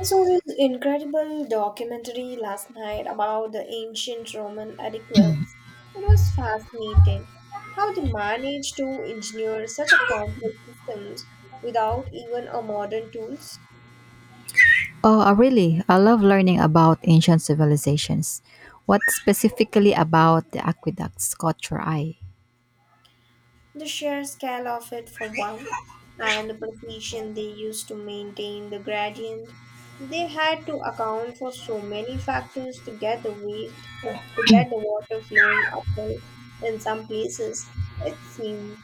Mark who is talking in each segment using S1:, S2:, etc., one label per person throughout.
S1: I saw this incredible documentary last night about the ancient Roman aqueducts. It was fascinating how they managed to engineer such a complex systems without even a modern tools.
S2: Oh, I love learning about ancient civilizations. What specifically about the aqueducts caught your eye?
S1: The sheer scale of it for one, and the precision they used to maintain the gradient. They had to account for so many factors to get the waste, to get the water flowing uphill in some places. It seemed.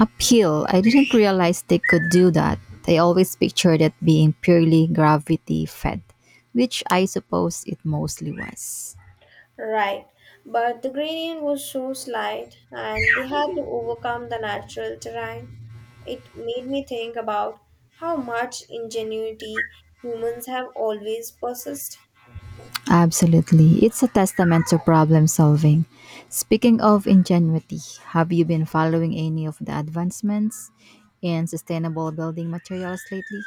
S2: Uphill, I didn't realize they could do that. I always pictured it being purely gravity fed, which I suppose it mostly was.
S1: Right, but the gradient was so slight and they had to overcome the natural terrain. It made me think about how much ingenuity humans have always possessed.
S2: Absolutely. It's a testament to problem solving. Speaking of ingenuity, have you been following any of the advancements in sustainable building materials lately?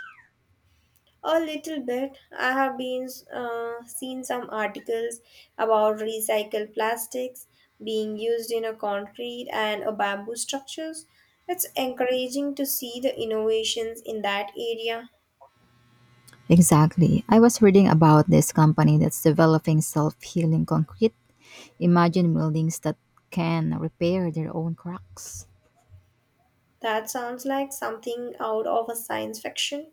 S1: A little bit, I have been seen some articles about recycled plastics being used in a concrete and a bamboo structures. It's encouraging to see the innovations in that area.
S2: Exactly. I was reading about this company that's developing self healing concrete. Imagine buildings that can repair their own cracks.
S1: That sounds like something out of a science fiction.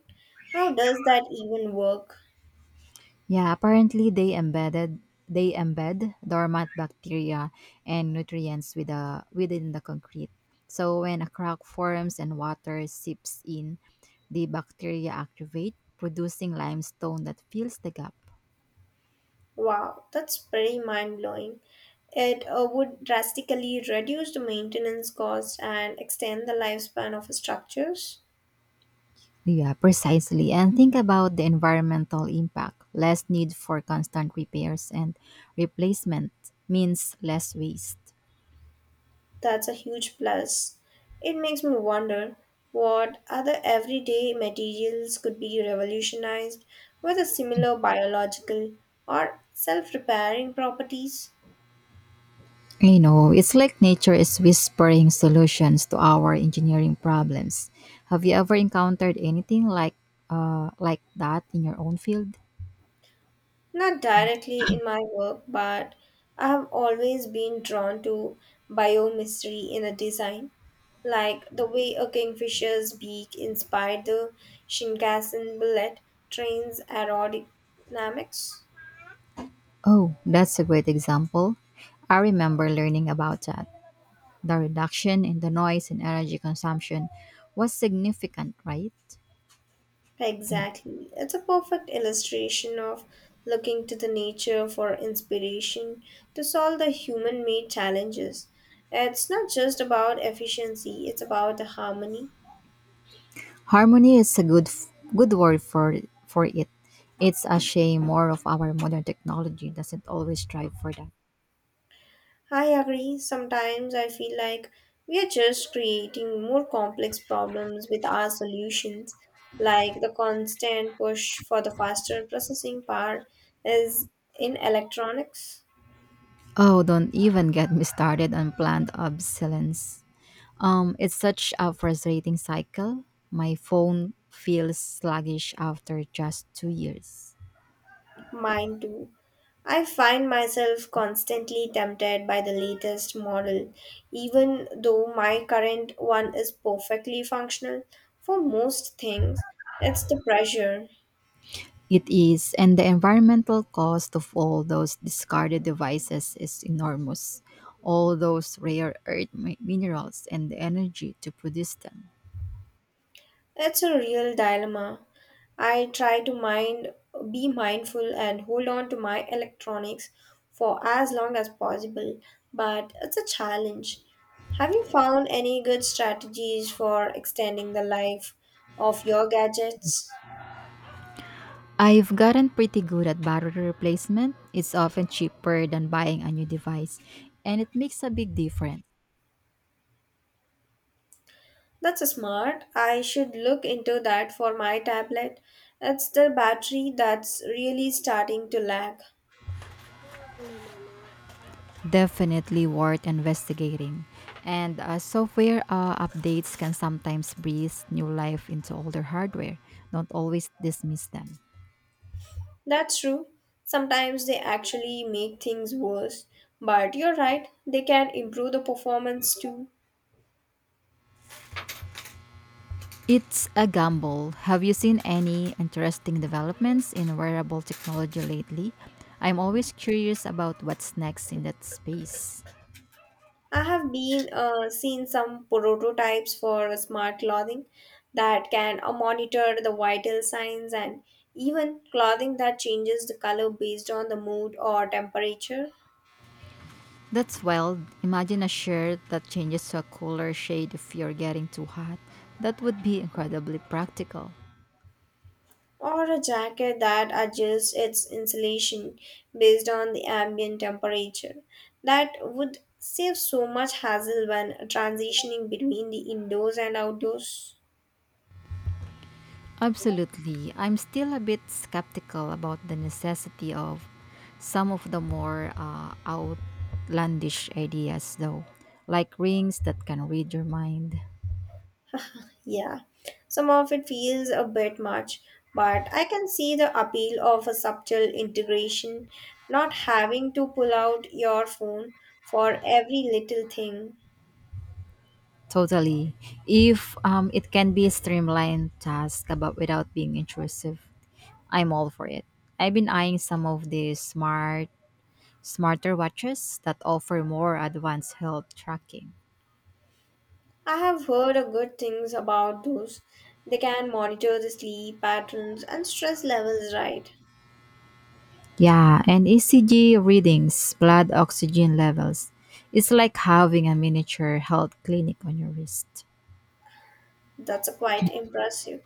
S1: How does that even work?
S2: Yeah, apparently they embed dormant bacteria and nutrients within the concrete. So when a crack forms and water seeps in, the bacteria activate, producing limestone that fills the gap.
S1: Wow, that's pretty mind blowing. It would drastically reduce the maintenance cost and extend the lifespan of structures.
S2: Yeah, precisely. And think about the environmental impact. Less need for constant repairs and replacement means less waste.
S1: That's a huge plus. It makes me wonder what other everyday materials could be revolutionized with a similar biological or self repairing properties.
S2: You know, it's like nature is whispering solutions to our engineering problems. Have you ever encountered anything like that in your own field?
S1: Not directly in my work, but I have always been drawn to biomystery in a design, like the way a kingfisher's beak inspired the Shinkansen bullet train's aerodynamics.
S2: Oh, that's a great example. I remember learning about that. The reduction in the noise and energy consumption was significant, right?
S1: Exactly. It's a perfect illustration of looking to the nature for inspiration to solve the human made challenges. It's not just about efficiency, it's about the harmony.
S2: Harmony is a good word for it. It's a shame more of our modern technology doesn't always strive for that.
S1: I agree. Sometimes I feel like we are just creating more complex problems with our solutions. Like the constant push for the faster processing power is in electronics,
S2: Oh, don't even get me started on planned obsolescence. It's such a frustrating cycle. My phone feels sluggish after just 2 years.
S1: mine too. I find myself constantly tempted by the latest model, even though my current one is perfectly functional for most things. It's the pressure.
S2: It is, and the environmental cost of all those discarded devices is enormous. All those rare minerals and the energy to produce them.
S1: It's a real dilemma. I try to mind be mindful and hold on to my electronics for as long as possible, but it's a challenge. Have you found any good strategies for extending the life of your gadgets?
S2: I've gotten pretty good at battery replacement. It's often cheaper than buying a new device, and it makes a big difference.
S1: That's a smart. I should look into that for my tablet. It's the battery that's really starting to lag.
S2: Definitely worth investigating. And software updates can sometimes breathe new life into older hardware. Don't always dismiss them.
S1: That's true. Sometimes they actually make things worse, but you're right, they can improve the performance too.
S2: It's a gamble. Have you seen any interesting developments in wearable technology lately? I'm always curious about what's next in that space.
S1: I have been seen some prototypes for smart clothing that can monitor the vital signs and even clothing that changes the color based on the mood or temperature.
S2: That's wild. Imagine a shirt that changes to a cooler shade if you're getting too hot. That would be incredibly practical.
S1: Or a jacket that adjusts its insulation based on the ambient temperature. That would save so much hassle when transitioning between the indoors and outdoors.
S2: Absolutely. I'm still a bit skeptical about the necessity of some of the more outlandish ideas, though, like rings that can read your mind.
S1: Yeah, some of it feels a bit much, but I can see the appeal of a subtle integration, not having to pull out your phone for every little thing.
S2: Totally. If it can be a streamlined task about without being intrusive, I'm all for it. I've been eyeing some of these smarter watches that offer more advanced health tracking.
S1: I have heard a good things about those. They can monitor the sleep patterns and stress levels, right?
S2: Yeah, and ECG readings, blood oxygen levels. It's like having a miniature health clinic on your wrist.
S1: That's quite impressive.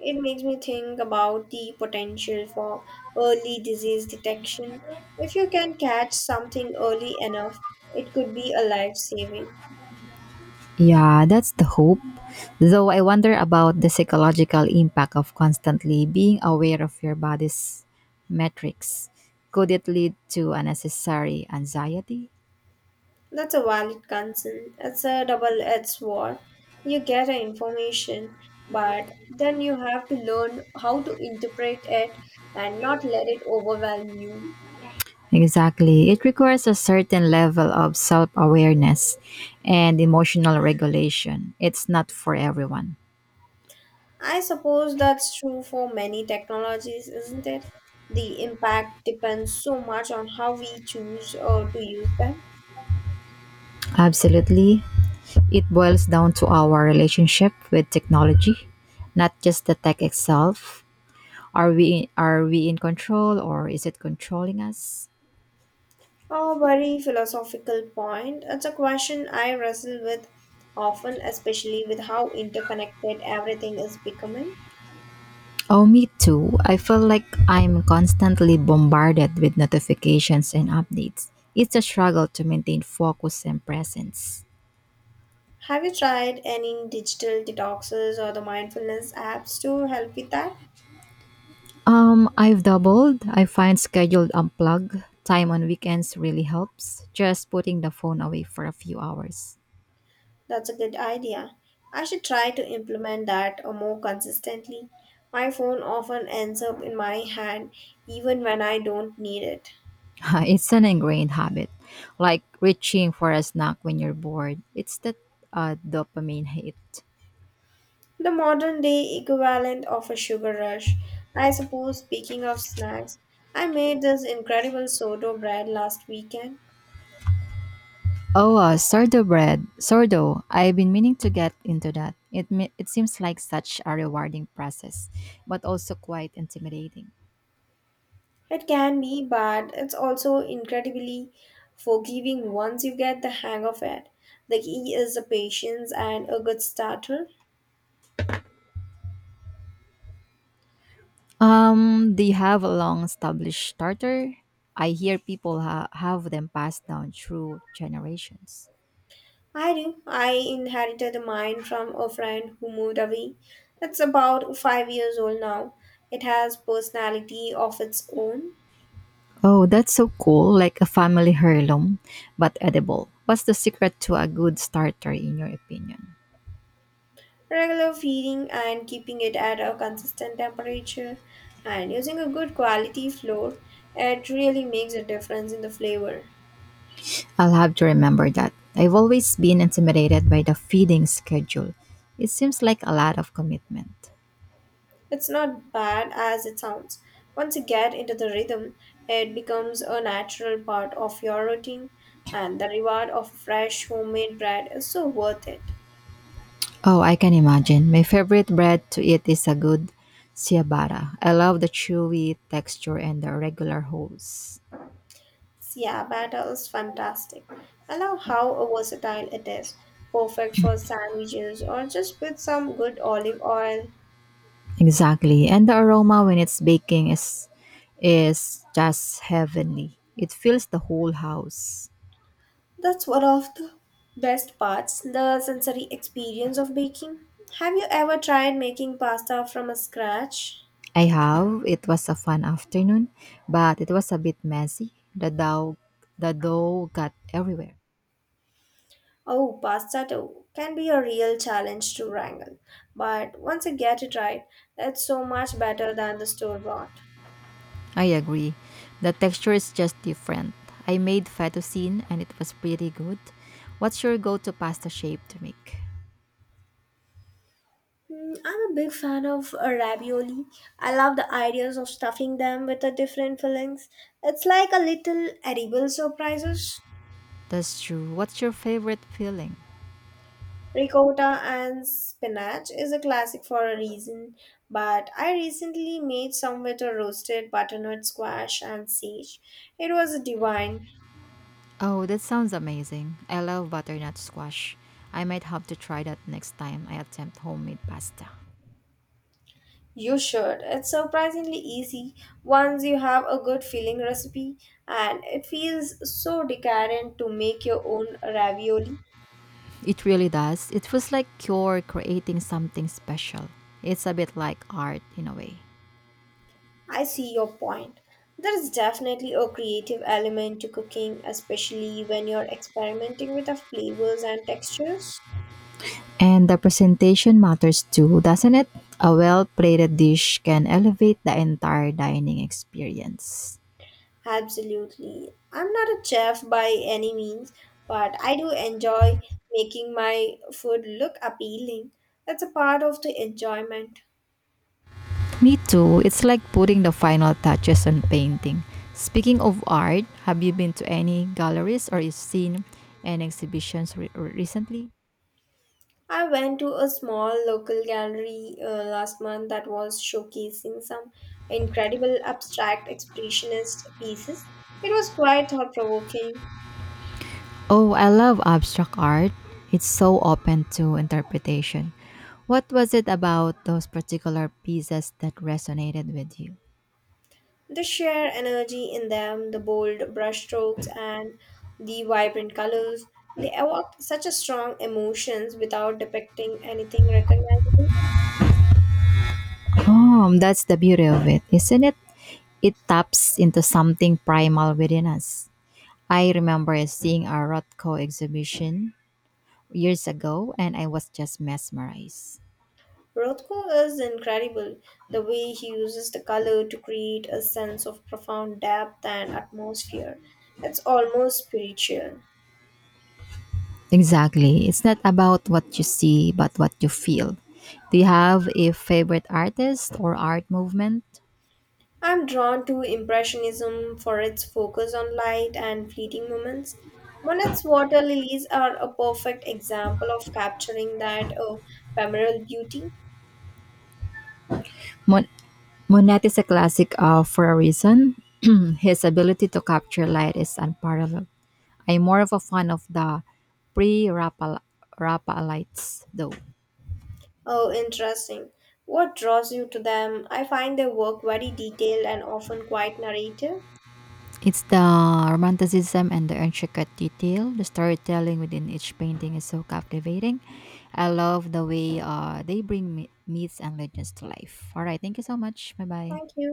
S1: It makes me think about the potential for early disease detection. If you can catch something early enough, it could be a life saving.
S2: Yeah, that's the hope. Though I wonder about the psychological impact of constantly being aware of your body's metrics. Could it lead to unnecessary anxiety?
S1: That's a valid concern. It's a double edged sword. You get the information, but then you have to learn how to interpret it and not let it overwhelm you.
S2: Exactly. It requires a certain level of self awareness and emotional regulation. It's not for everyone.
S1: I suppose that's true for many technologies, isn't it? The impact depends so much on how we choose to use them.
S2: Absolutely. It boils down to our relationship with technology, not just the tech itself. Are we in control or is it controlling us?
S1: A very philosophical point. It's a question I wrestle with often, especially with how interconnected everything is becoming.
S2: Oh, me too. I feel like I'm constantly bombarded with notifications and updates. It's a struggle to maintain focus and presence.
S1: Have you tried any digital detoxes or the mindfulness apps to help with that?
S2: I've doubled. I find scheduled unplug time on weekends really helps. Just putting the phone away for a few hours.
S1: That's a good idea. I should try to implement that more consistently. My phone often ends up in my hand even when I don't need it.
S2: It's an ingrained habit, like reaching for a snack when you're bored. It's that dopamine hit.
S1: The modern day equivalent of a sugar rush. I suppose, speaking of snacks, I made this incredible sourdough bread last weekend.
S2: Oh, sourdough. I've been meaning to get into that. It seems like such a rewarding process, but also quite intimidating.
S1: It can be, but it's also incredibly forgiving once you get the hang of it. The key is the patience and a good starter.
S2: They have a long established starter. I hear have them passed down through generations.
S1: I do. I inherited mine from a friend who moved away. It's about 5 years old now. It has personality of its own,
S2: Oh, that's so cool, like a family heirloom, but edible. What's the secret to a good starter, in your opinion?
S1: regular feeding and keeping it at a consistent temperature and using a good quality flour, it really makes a difference in the flavor.
S2: I'll have to remember that. I've always been intimidated by the feeding schedule. It seems like a lot of commitment.
S1: It's not bad as it sounds. Once you get into the rhythm, it becomes a natural part of your routine and the reward of fresh homemade bread is so worth it.
S2: Oh, I can imagine. My favorite bread to eat is a good ciabatta. I love the chewy texture and the regular holes.
S1: Yeah, batter is fantastic. I love how versatile it is. Perfect for sandwiches or just with some good olive oil.
S2: Exactly. And the aroma when it's baking is just heavenly. It fills the whole house.
S1: That's one of the best parts, the sensory experience of baking. Have you ever tried making pasta from scratch?
S2: I have. It was a fun afternoon, but it was a bit messy. The dough got everywhere.
S1: Oh, pasta too can be a real challenge to wrangle, but once you get it right, it's so much better than the store bought.
S2: I agree. The texture is just different. I made fettuccine and it was pretty good. What's your go-to pasta shape to make?
S1: Mm, I'm a big fan of ravioli. I love the ideas of stuffing them with the different fillings. It's like a little edible surprises.
S2: That's true. What's your favorite filling?
S1: Ricotta and spinach is a classic for a reason, but I recently made some with a roasted butternut squash and sage. It was divine.
S2: Oh, that sounds amazing. I love butternut squash. I might have to try that next time I attempt homemade pasta.
S1: You should. It's surprisingly easy once you have a good filling recipe, and it feels so decadent to make your own ravioli.
S2: It really does. It feels like you're creating something special. It's a bit like art in a way.
S1: I see your point. There is definitely a creative element to cooking, especially when you're experimenting with the flavors and textures.
S2: And the presentation matters too, doesn't it? A well plated dish can elevate the entire dining experience.
S1: Absolutely. I'm not a chef by any means, but I do enjoy making my food look appealing. That's a part of the enjoyment.
S2: Me too. It's like putting the final touches on painting. Speaking of art, have you been to any galleries or seen any exhibitions recently?
S1: I went to a small local gallery last month that was showcasing some incredible abstract expressionist pieces. It was quite thought provoking.
S2: Oh, I love abstract art. It's so open to interpretation. What was it about those particular pieces that resonated with you?
S1: The sheer energy in them, the bold brushstrokes, and the vibrant colors, they evoke such a strong emotions without depicting anything recognizable.
S2: Oh, that's the beauty of it, isn't it? It taps into something primal within us. I remember seeing a Rothko exhibition years ago and I was just mesmerized.
S1: Rothko is incredible. The way he uses the color to create a sense of profound depth and atmosphere. It's almost spiritual.
S2: Exactly. It's not about what you see, but what you feel. Do you have a favorite artist or art movement?
S1: I'm drawn to Impressionism for its focus on light and fleeting moments. Monet's water lilies are a perfect example of capturing that ephemeral beauty.
S2: Mon- Monet is a classic for a reason. His ability to capture light is unparalleled. I'm more of a fan of the pre-Raphaelites, though.
S1: Oh, interesting. What draws you to them? I find their work very detailed and often quite narrative.
S2: It's the romanticism and the intricate detail. The storytelling within each painting is so captivating. I love the way they bring myths and legends to life. All right, thank you so much. Bye
S1: Thank
S2: bye.
S1: you.